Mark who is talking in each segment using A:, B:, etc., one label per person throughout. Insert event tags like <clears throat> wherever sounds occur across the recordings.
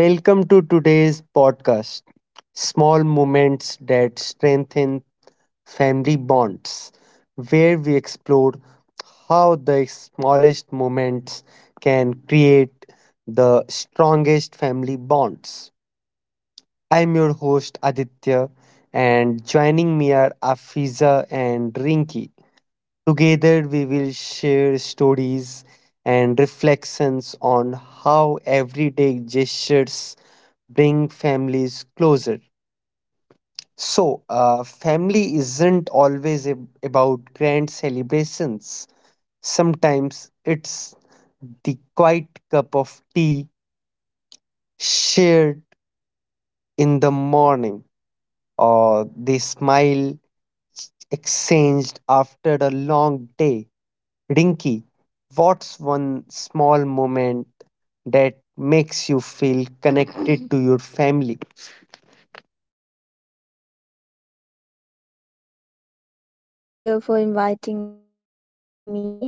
A: Welcome to today's podcast, Small Moments That Strengthen Family Bonds, where we explore how the smallest moments can create the strongest family bonds. I'm your host Aditya, and joining me are Afiza and Rinki. Together, we will share stories and reflections on how everyday gestures bring families closer. So, family isn't always about grand celebrations. Sometimes it's the quiet cup of tea shared in the morning, or the smile exchanged after a long day. Rinky, what's one small moment that makes you feel connected to your family?
B: Thank you, Aditya, for inviting me. For me,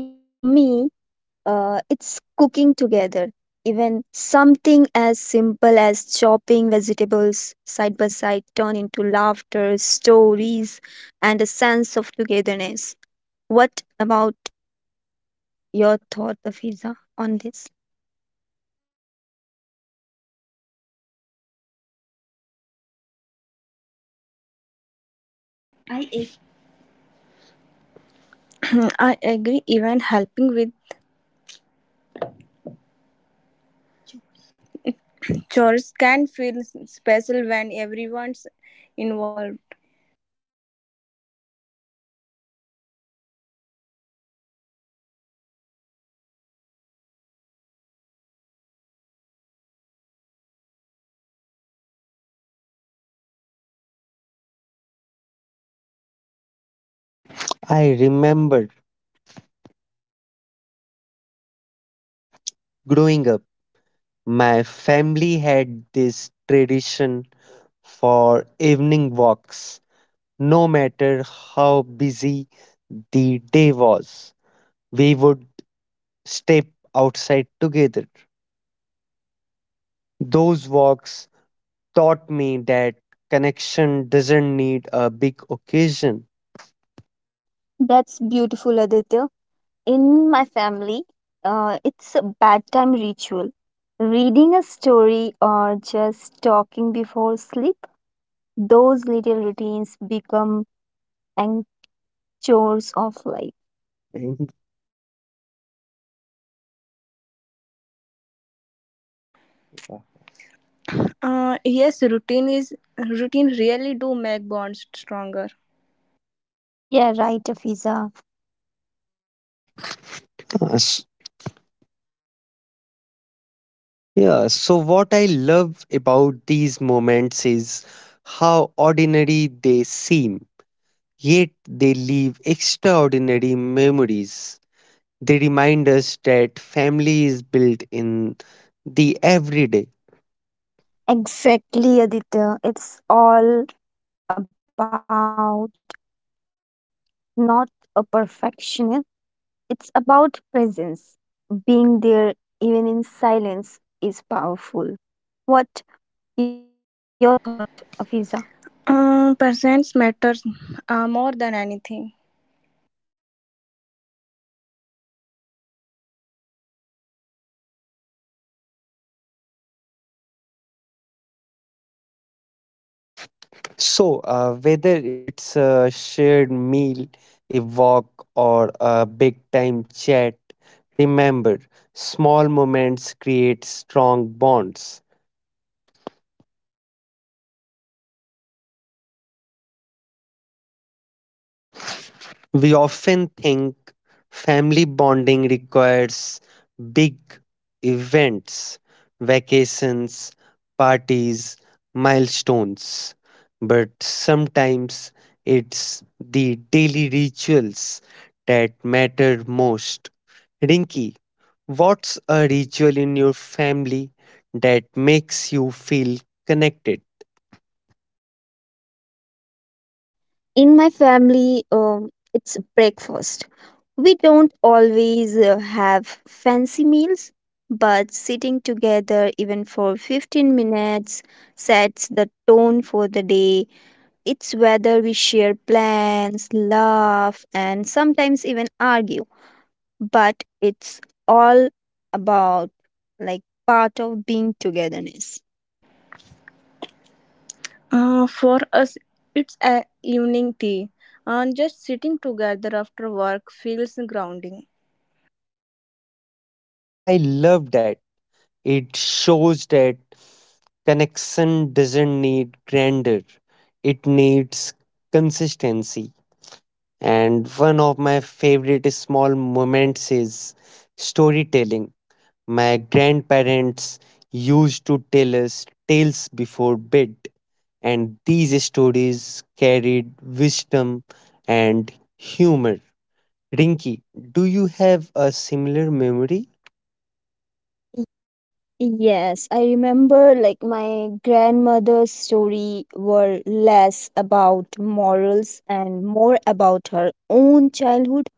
B: it's cooking together. Even something as simple as chopping vegetables side by side turn into laughter, stories, and a sense of togetherness. What about your thought, Afiza, on this?
C: I ag- <clears throat> I agree. Even helping with chores can feel special when everyone's involved.
A: I remember growing up, my family had this tradition for evening walks. No matter how busy the day was, we would step outside together. Those walks taught me that connection doesn't need a big occasion.
B: That's beautiful, Aditya. In my family, it's a bedtime ritual. Reading a story or just talking before sleep. Those little routines become anchors of life.
C: Yes, routine is routine really do make bonds stronger.
B: Yeah, right, Afiza.
A: Uh, Yeah, so what I love about these moments is how ordinary they seem, yet they leave extraordinary memories. They remind us that family is built in the everyday.
B: Exactly, Aditya. It's all about not a perfectionist, it's about presence. Being there, even in silence, is powerful. What your thought, Afiza?
C: Presence matters more than anything.
A: So, whether it's a shared meal, a walk, or a big time chat, remember, small moments create strong bonds. We often think family bonding requires big events, vacations, parties, milestones, but sometimes it's the daily rituals that matter most. Rinky, what's a ritual in your family that makes you feel connected?
B: In my family, it's breakfast. We don't always have fancy meals, but sitting together even for 15 minutes sets the tone for the day. It's whether we share plans, laugh, and sometimes even argue, but it's all about like part of being togetherness.
C: For us, it's a evening tea. Just sitting together after work feels grounding.
A: I love that. It shows that connection doesn't need grandeur, it needs consistency. And one of my favorite small moments is storytelling. My grandparents used to tell us tales before bed, and these stories carried wisdom and humor. Rinky, do you have a similar memory?
B: Yes, I remember like my grandmother's story were less about morals and more about her own childhood.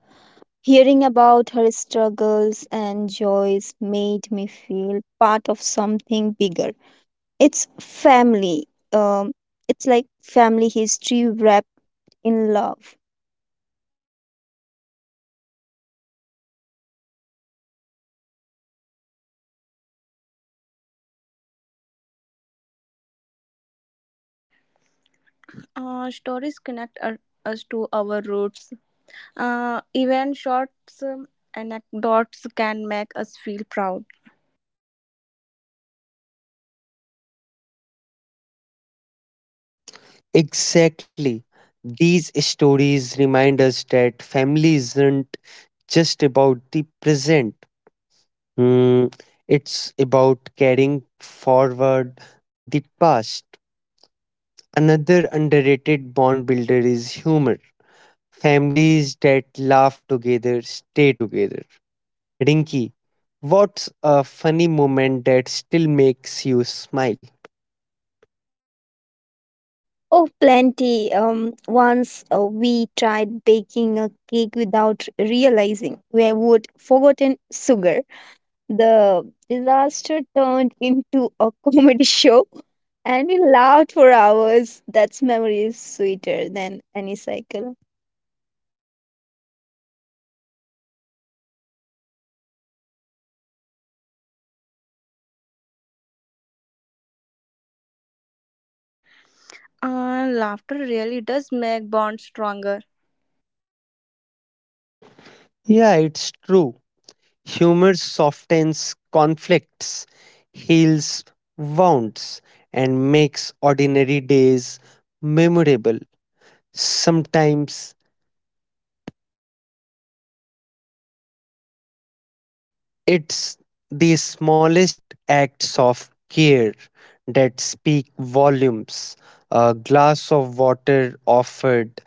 B: Hearing about her struggles and joys made me feel part of something bigger. It's family. Um, it's like family history wrapped in love.
C: Stories connect us to our roots. Even short um, anecdotes can make us feel proud.
A: Exactly. These stories remind us that family isn't just about the present. Hmm, it's about carrying forward the past. Another underrated bond builder is humor. Families that laugh together stay together. Rinky, what's a funny moment that still makes you smile?
B: Oh, plenty. Once we tried baking a cake without realizing we would forgotten sugar. The disaster turned into a comedy <laughs> show, and we laughed for hours. That's memory is sweeter than any cycle.
C: Laughter really does make bonds stronger.
A: Yeah, it's true. Humor softens conflicts, heals wounds, and makes ordinary days memorable. Sometimes it's the smallest acts of care that speak volumes. A glass of water offered,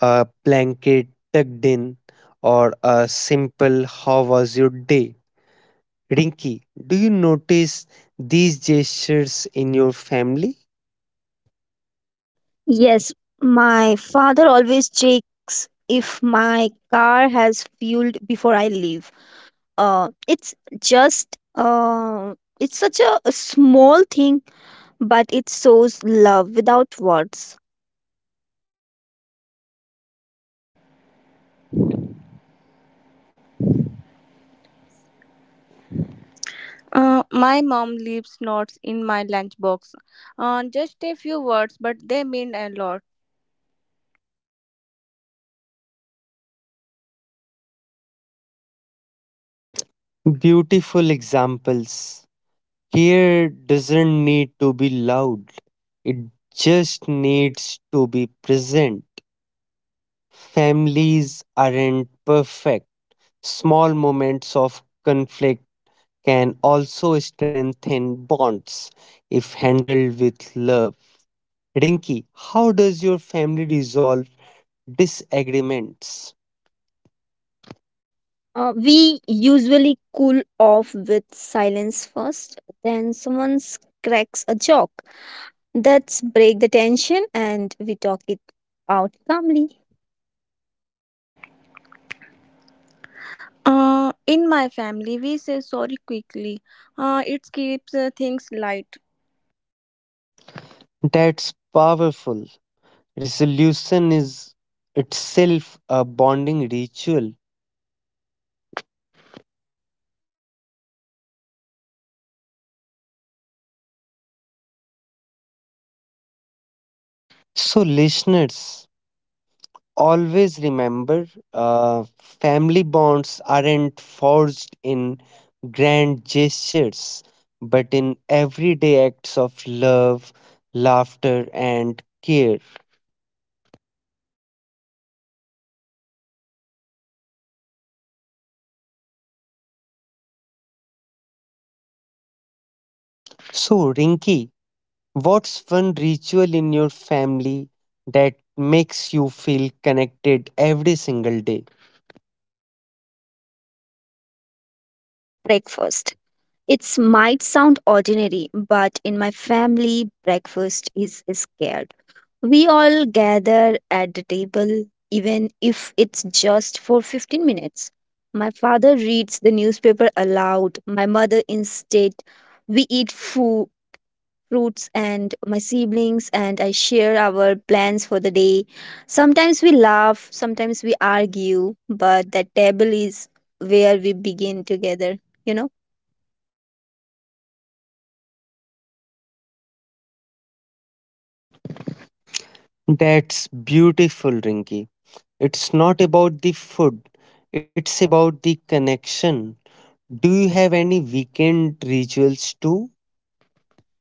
A: a blanket tucked in, or a simple how was your day. Rinki, do you notice these gestures in your family?
B: Yes, my father always checks if my car has fueled before I leave. It's just it's such a small thing but it shows love without words.
C: My mom leaves notes in my lunchbox. Just a few words, but they mean a lot.
A: Beautiful examples. Care doesn't need to be loud, it just needs to be present. Families aren't perfect. Small moments of conflict can also strengthen bonds if handled with love. Rinki, how does your family resolve disagreements?
B: We usually cool off with silence first, then cracks a joke. That's break the tension and we talk it out calmly.
C: In my family, we say sorry quickly. It keeps things light.
A: That's powerful. Resolution is itself a bonding ritual. So, listeners, always remember, uh, family bonds aren't forged in grand gestures, but in everyday acts of love, laughter, and care. So, Rinky, what's one ritual in your family that makes you feel connected every single day?
B: Yeah, as I told you, breakfast. It might sound ordinary, but in my family, breakfast is scared. We all gather at the table, even if it's just for 15 minutes. My father reads the newspaper aloud. My mother instead, we eat food, fruits, and my siblings, and I share our plans for the day. Sometimes we laugh, sometimes we argue, but that table is where we begin together, you know?
A: That's beautiful, Rinky. It's not about the food, it's about the connection. Do you have any weekend rituals too?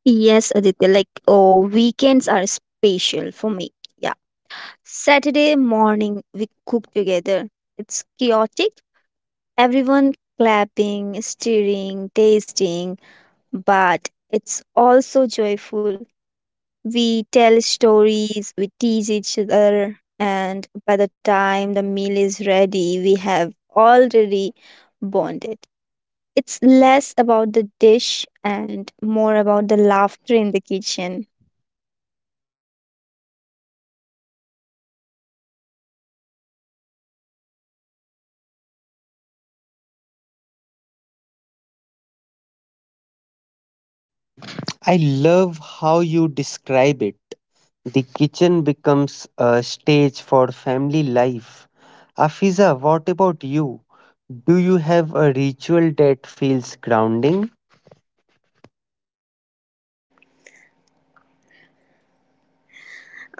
B: Yes, Aditya, like, oh, weekends are special for me. Saturday morning, we cook together. It's chaotic. Everyone clapping, stirring, tasting, but it's also joyful. We tell stories, we tease each other, and by the time the meal is ready, we have already bonded. It's less about the dish and more about the laughter in the kitchen.
A: I love how you describe it. The kitchen becomes a stage for family life. Afiza, what about you? Do you have a ritual that feels grounding?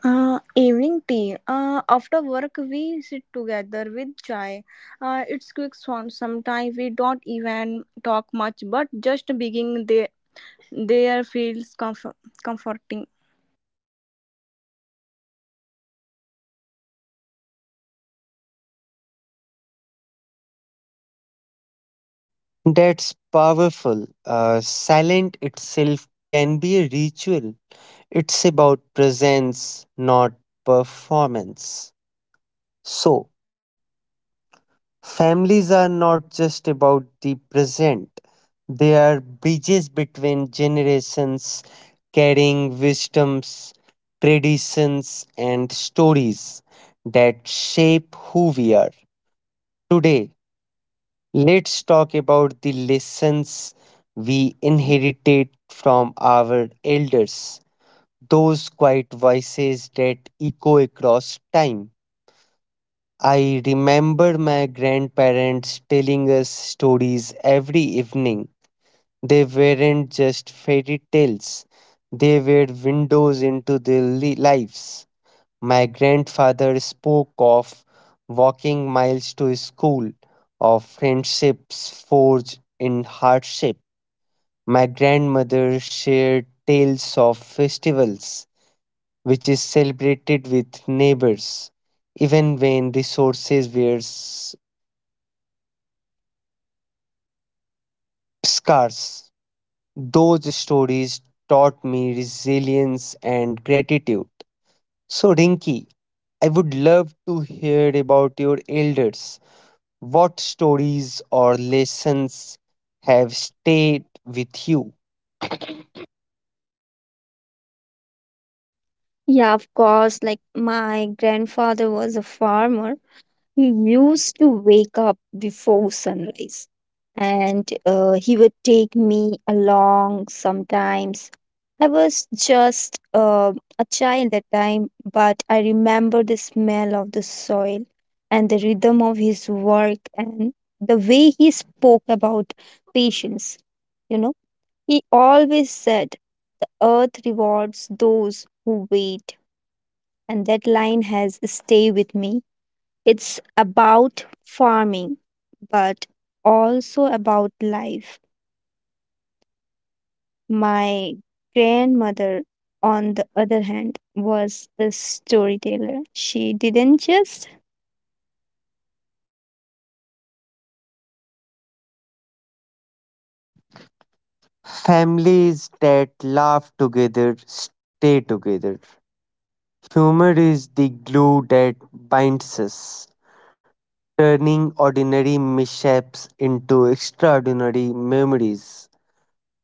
C: Evening tea. After work, we sit together with chai. It's quick sound. Sometimes we don't even talk much, but just being there feels comforting.
A: That's powerful. Silent itself can be a ritual. It's about presence, not performance. So, families are not just about the present, they are bridges between generations, carrying wisdoms, traditions, and stories that shape who we are today. Let's talk about the lessons we inherited from our elders, those quiet voices that echo across time. I remember my grandparents telling us stories every evening. They weren't just fairy tales, they were windows into their lives. My grandfather spoke of walking miles to school, of friendships forged in hardship. My grandmother shared tales of festivals, which is celebrated with neighbors, even when resources were scarce. Those stories taught me resilience and gratitude. So, Rinki, I would love to hear about your elders. What stories or lessons have stayed with you?
B: Yeah, of course, like my grandfather was a farmer. He used to wake up before sunrise and he would take me along sometimes. I was just a child that time, but I remember the smell of the soil and the rhythm of his work and the way he spoke about patience. You know, he always said, the earth rewards those who wait, and that line has stayed with me. It's about farming, but also about life. My grandmother, on the other hand, was a storyteller. She didn't just.
A: Families that laugh together stay together. Humor is the glue that binds us, turning ordinary mishaps into extraordinary memories.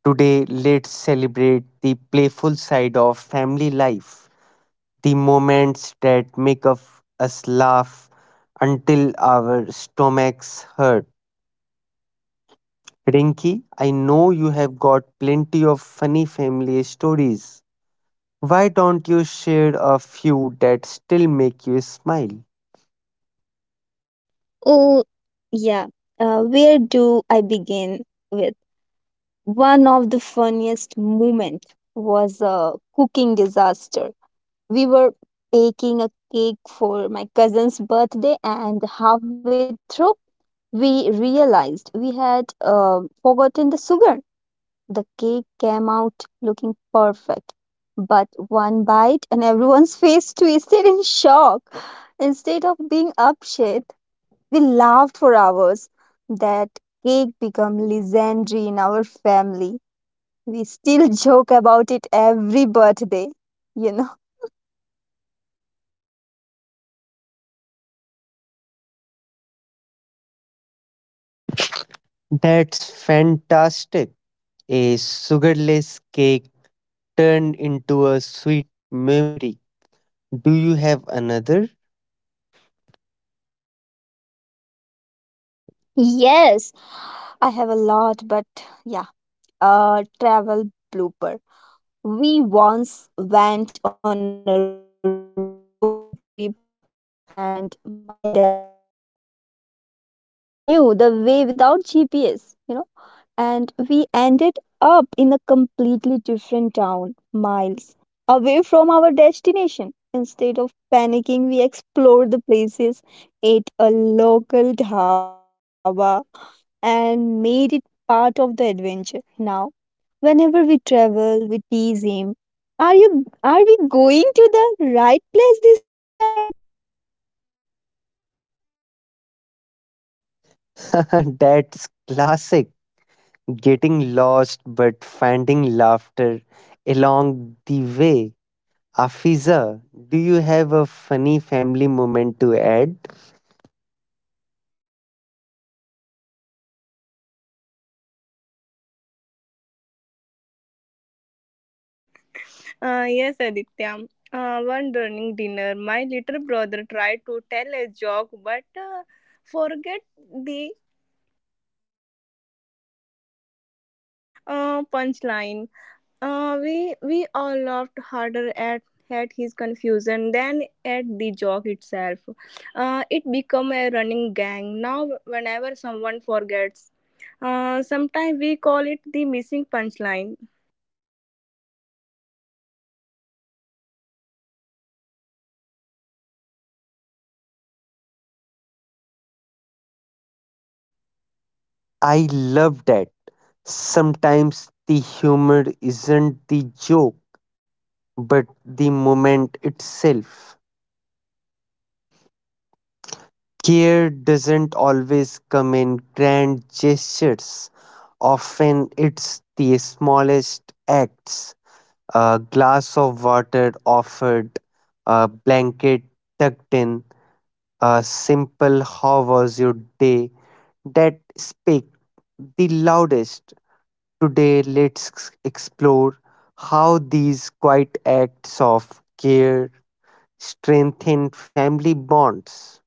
A: Today, let's celebrate the playful side of family life, the moments that make of us laugh until our stomachs hurt. Rinky, I know you have got plenty of funny family stories. Why don't you share a few that still make you smile?
B: Oh, yeah. Where do I begin with? One of the funniest moments was a cooking disaster. We were baking a cake for my cousin's birthday, and halfway through, we realized we had forgotten the sugar. The cake came out looking perfect, but one bite and everyone's <laughs> face twisted in shock. Instead of being upset, we laughed for hours. That cake became legendary in our family. We still <laughs> joke about it every birthday, you know.
A: That's fantastic. A sugarless cake turned into a sweet memory. Do you have another?
B: Yes, I have a lot, but yeah, a travel blooper. We once went on a road trip, and my dad insisted he knew the way without GPS, you know, and we ended up in a completely different town, miles away from our destination. Instead of panicking, we explored the places, ate a local dhaba, and made it part of the adventure. Now, whenever we travel, we tease him. Are we going to the right place this time?
A: <laughs> That's classic. Getting lost but finding laughter along the way. Afiza, do you have a funny family moment to add?
C: Yes, Aditya. One during dinner, my little brother tried to tell a joke, but forget the punchline. We all laughed harder at his confusion than at the joke itself. It became a running gang now. Whenever someone forgets, sometimes we call it the missing punchline.
A: I love that. Sometimes the humor isn't the joke, but the moment itself. Care doesn't always come in grand gestures, often, it's the smallest acts. A glass of water offered, a blanket tucked in, a simple how was your day that speak the loudest. Today, let's explore how these quiet acts of care strengthen family bonds.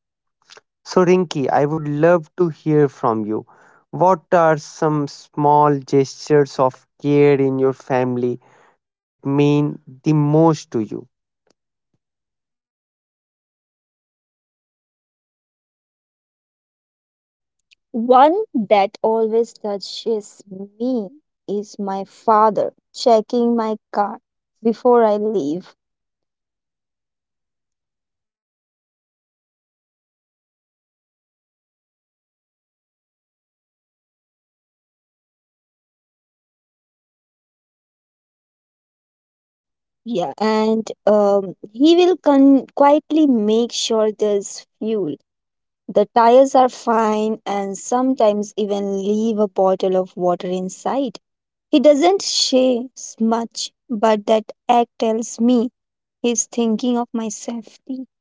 A: So, Rinki, I would love to hear from you. What are some small gestures of care in your family that mean the most to you?
B: One that always touches me is my father checking my car before I leave. Yeah. And he will quietly make sure there's fuel. The tires are fine and sometimes even leave a bottle of water inside. He doesn't say much, but that act tells me he's thinking of my safety.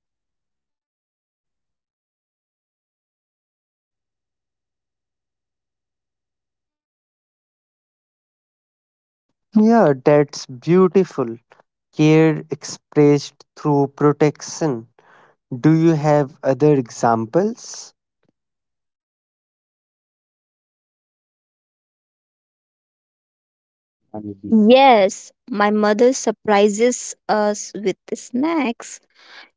A: Yeah, that's beautiful. Care expressed through protection. Do you have other examples?
B: Yes, my mother surprises us with snacks.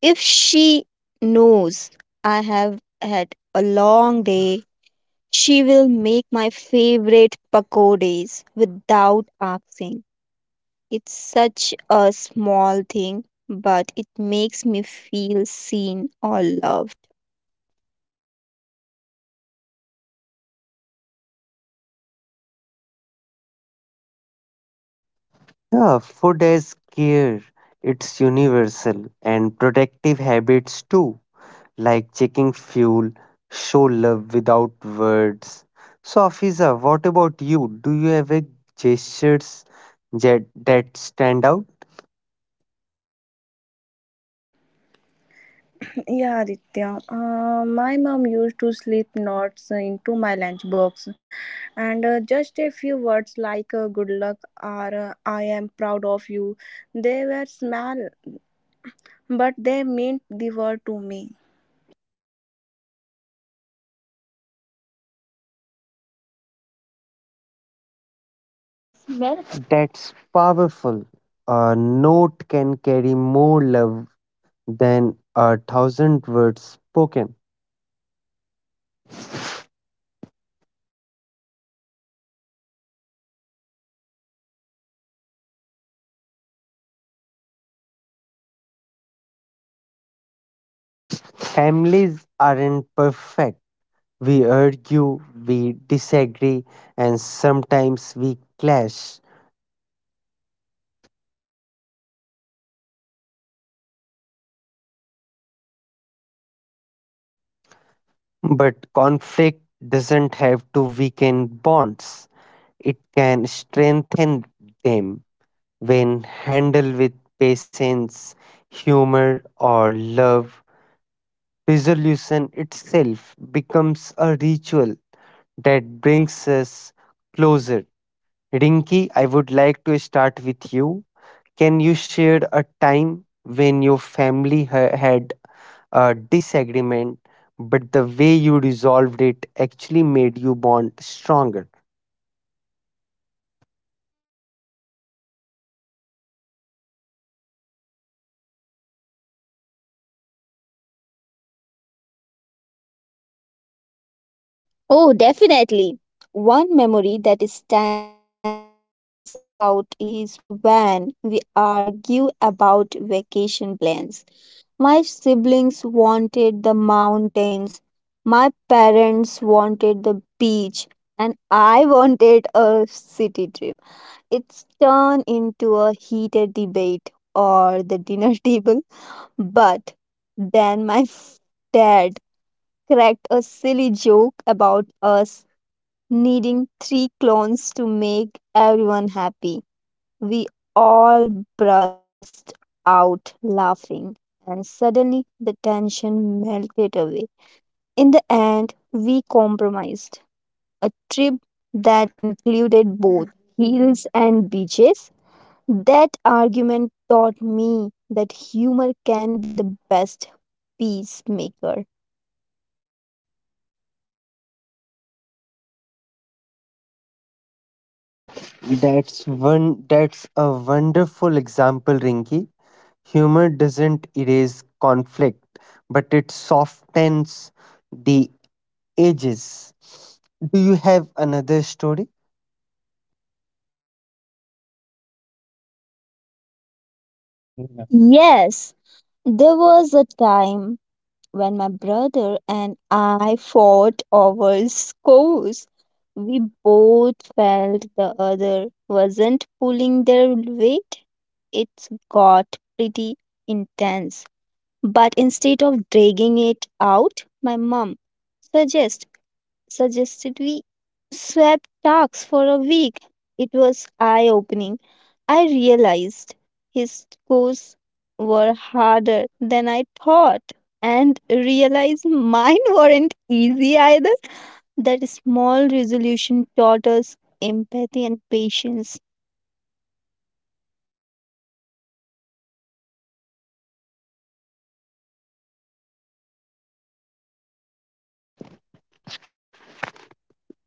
B: If she knows I have had a long day, she will make my favorite pakodas without asking. It's such a small thing, but it makes me feel seen or loved.
A: Yeah, food as care. It's universal, and protective habits too, like checking fuel, show love without words. So, Afiza, what about you? Do you have a gestures that stand out?
C: <clears throat> Yeah, Aditya. My mom used to slip notes into my lunchbox, and just a few words like "good luck" or "I am proud of you." They were small, but they meant the world to me.
A: Smell. That's powerful. A note can carry more love than a thousand words spoken. Families aren't perfect. We argue, we disagree, and sometimes we clash. But conflict doesn't have to weaken bonds, it can strengthen them when handled with patience, humor, or love. Resolution itself becomes a ritual that brings us closer. Rinki, I would like to start with you. Can you share a time when your family had a disagreement, but the way you resolved it actually made you bond stronger?
B: Oh, definitely. One memory that stands out is when we argue about vacation plans. My siblings wanted the mountains, my parents wanted the beach, and I <laughs> wanted a city trip. It's turned into a heated debate or the dinner <laughs> table, but then my <laughs> f- dad cracked a silly joke about us needing 3 clones to make everyone happy. We all burst out laughing, and suddenly the tension melted away. In the end, we compromised a trip that included both hills and beaches. That argument taught me that humor can be the best peacemaker.
A: That's one. That's a wonderful example, Rinky. Humor doesn't erase conflict, but it softens the edges. Do you have another story?
B: Yes, there was a time when my brother and I fought over scores, we both felt the other wasn't pulling their weight. It's got pretty intense. But instead of dragging it out, my mom suggest suggested we swap tasks for a week. It was eye opening. I realized his scores were harder than I thought and realized mine <laughs> weren't easy either. That small resolution taught us empathy and patience.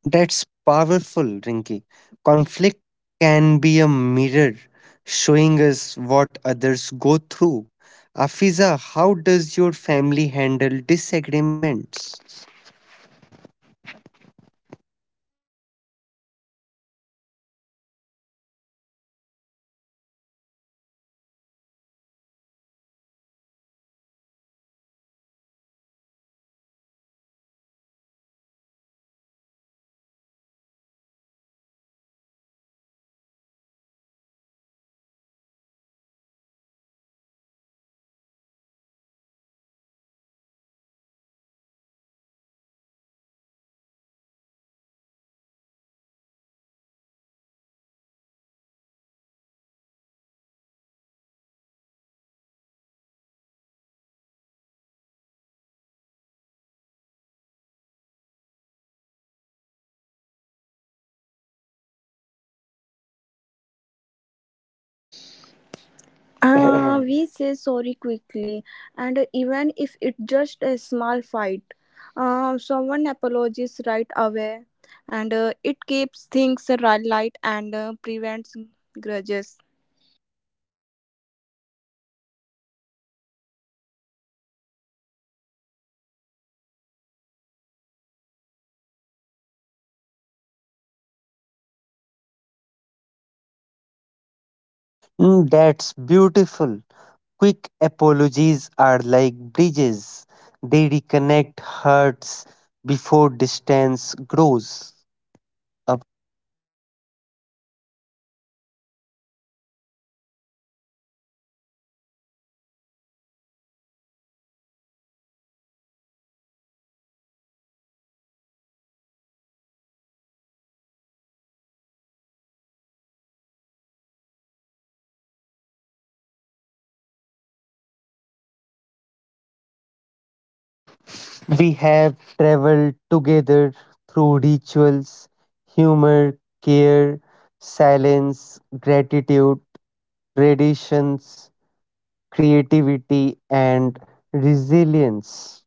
A: That's powerful, Rinki. Conflict can be a mirror showing us what others go through. Afiza, how does your family handle disagreements?
C: We say sorry quickly, and even if it's just a small fight, someone apologizes right away, and it keeps things light and prevents grudges.
A: Mm, that's beautiful. Quick apologies are like bridges, they reconnect hearts before distance grows. We have traveled together through rituals, humor, care, silence, gratitude, traditions, creativity, and resilience.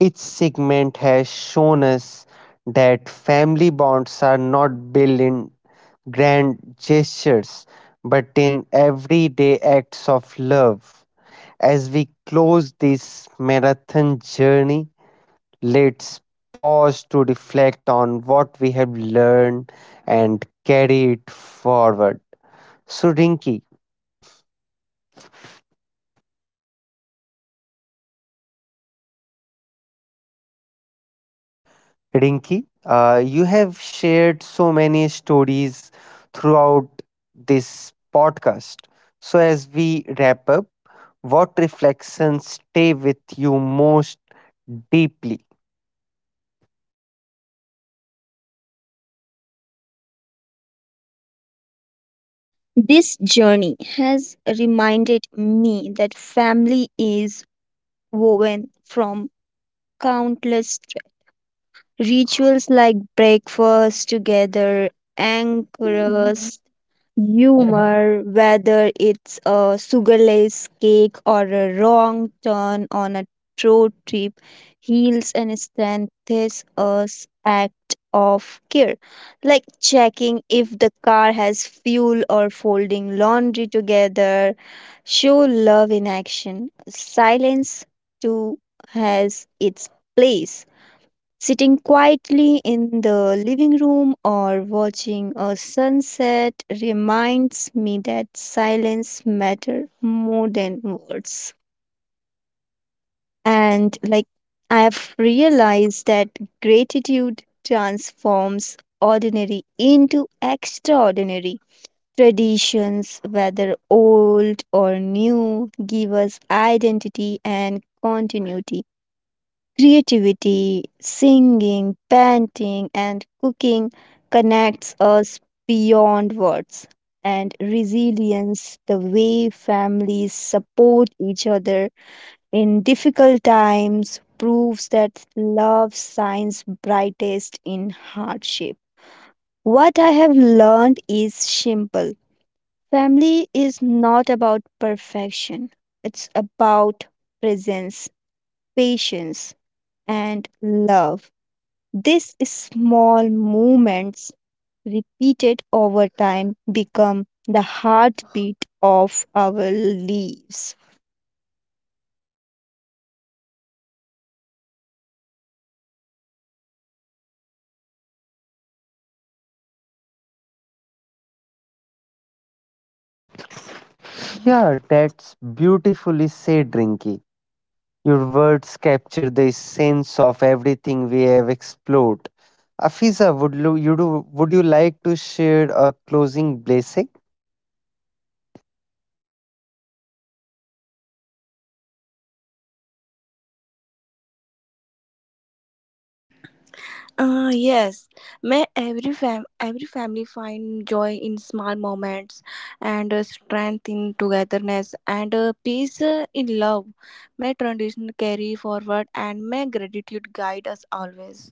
A: Each segment has shown us that family bonds are not built in grand gestures, but in everyday acts of love. As we close this marathon journey, let's pause to reflect on what we have learned and carry it forward. So, Rinki, you have shared so many stories throughout this podcast. So, as we wrap up, what reflections stay with you most deeply?
B: This journey has reminded me that family is woven from countless rituals like breakfast together, anchors, humor, whether it's a sugarless cake or a wrong turn on a road trip, heals and strengthens us act of care, like checking if the car has fuel or folding laundry together. Show love in action. Silence too has its place. Sitting quietly in the living room or watching a sunset reminds me that silence matters more than words. And like I have realized that gratitude transforms ordinary into extraordinary. Traditions, whether old or new, give us identity and continuity. Creativity, singing, painting, and cooking connects us beyond words. And resilience, the way families support each other in difficult times, proves that love shines brightest in hardship. What I have learned is simple. Family is not about perfection, it's about presence, patience, and love. These small movements, repeated over time, become the heartbeat of our lives.
A: Yeah, that's beautifully said, Rinki. Your words capture the sense of everything we have explored. Afiza, would you like to share a closing blessing?
C: Uh, yes, may every every family find joy in small moments, and strength in togetherness, and peace in love. May tradition carry forward, and may gratitude guide us always.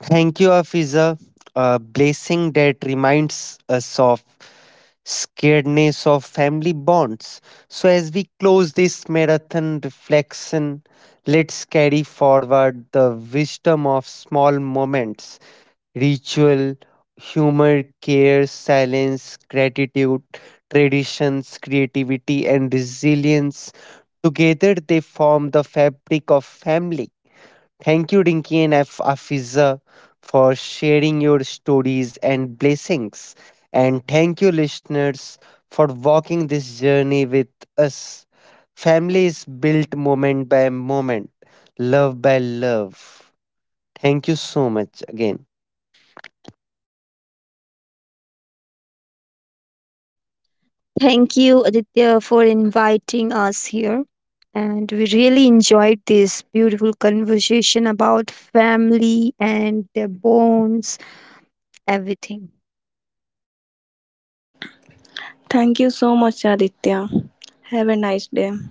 A: Thank you, Afiza. A blessing that reminds us of scaredness of family bonds. So, as we close this marathon reflection, let's carry forward the wisdom of small moments, ritual, humor, care, silence, gratitude, traditions, creativity, and resilience. Together, they form the fabric of family. Thank you, Rinki and Afiza, for sharing your stories and blessings. And thank you, listeners, for walking this journey with us. Family is built moment by moment, love by love. Thank you so much again.
B: Thank you, Aditya, for inviting us here. And we really enjoyed this beautiful conversation about family and their bonds, everything.
C: Thank you so much, Aditya. Have a nice day.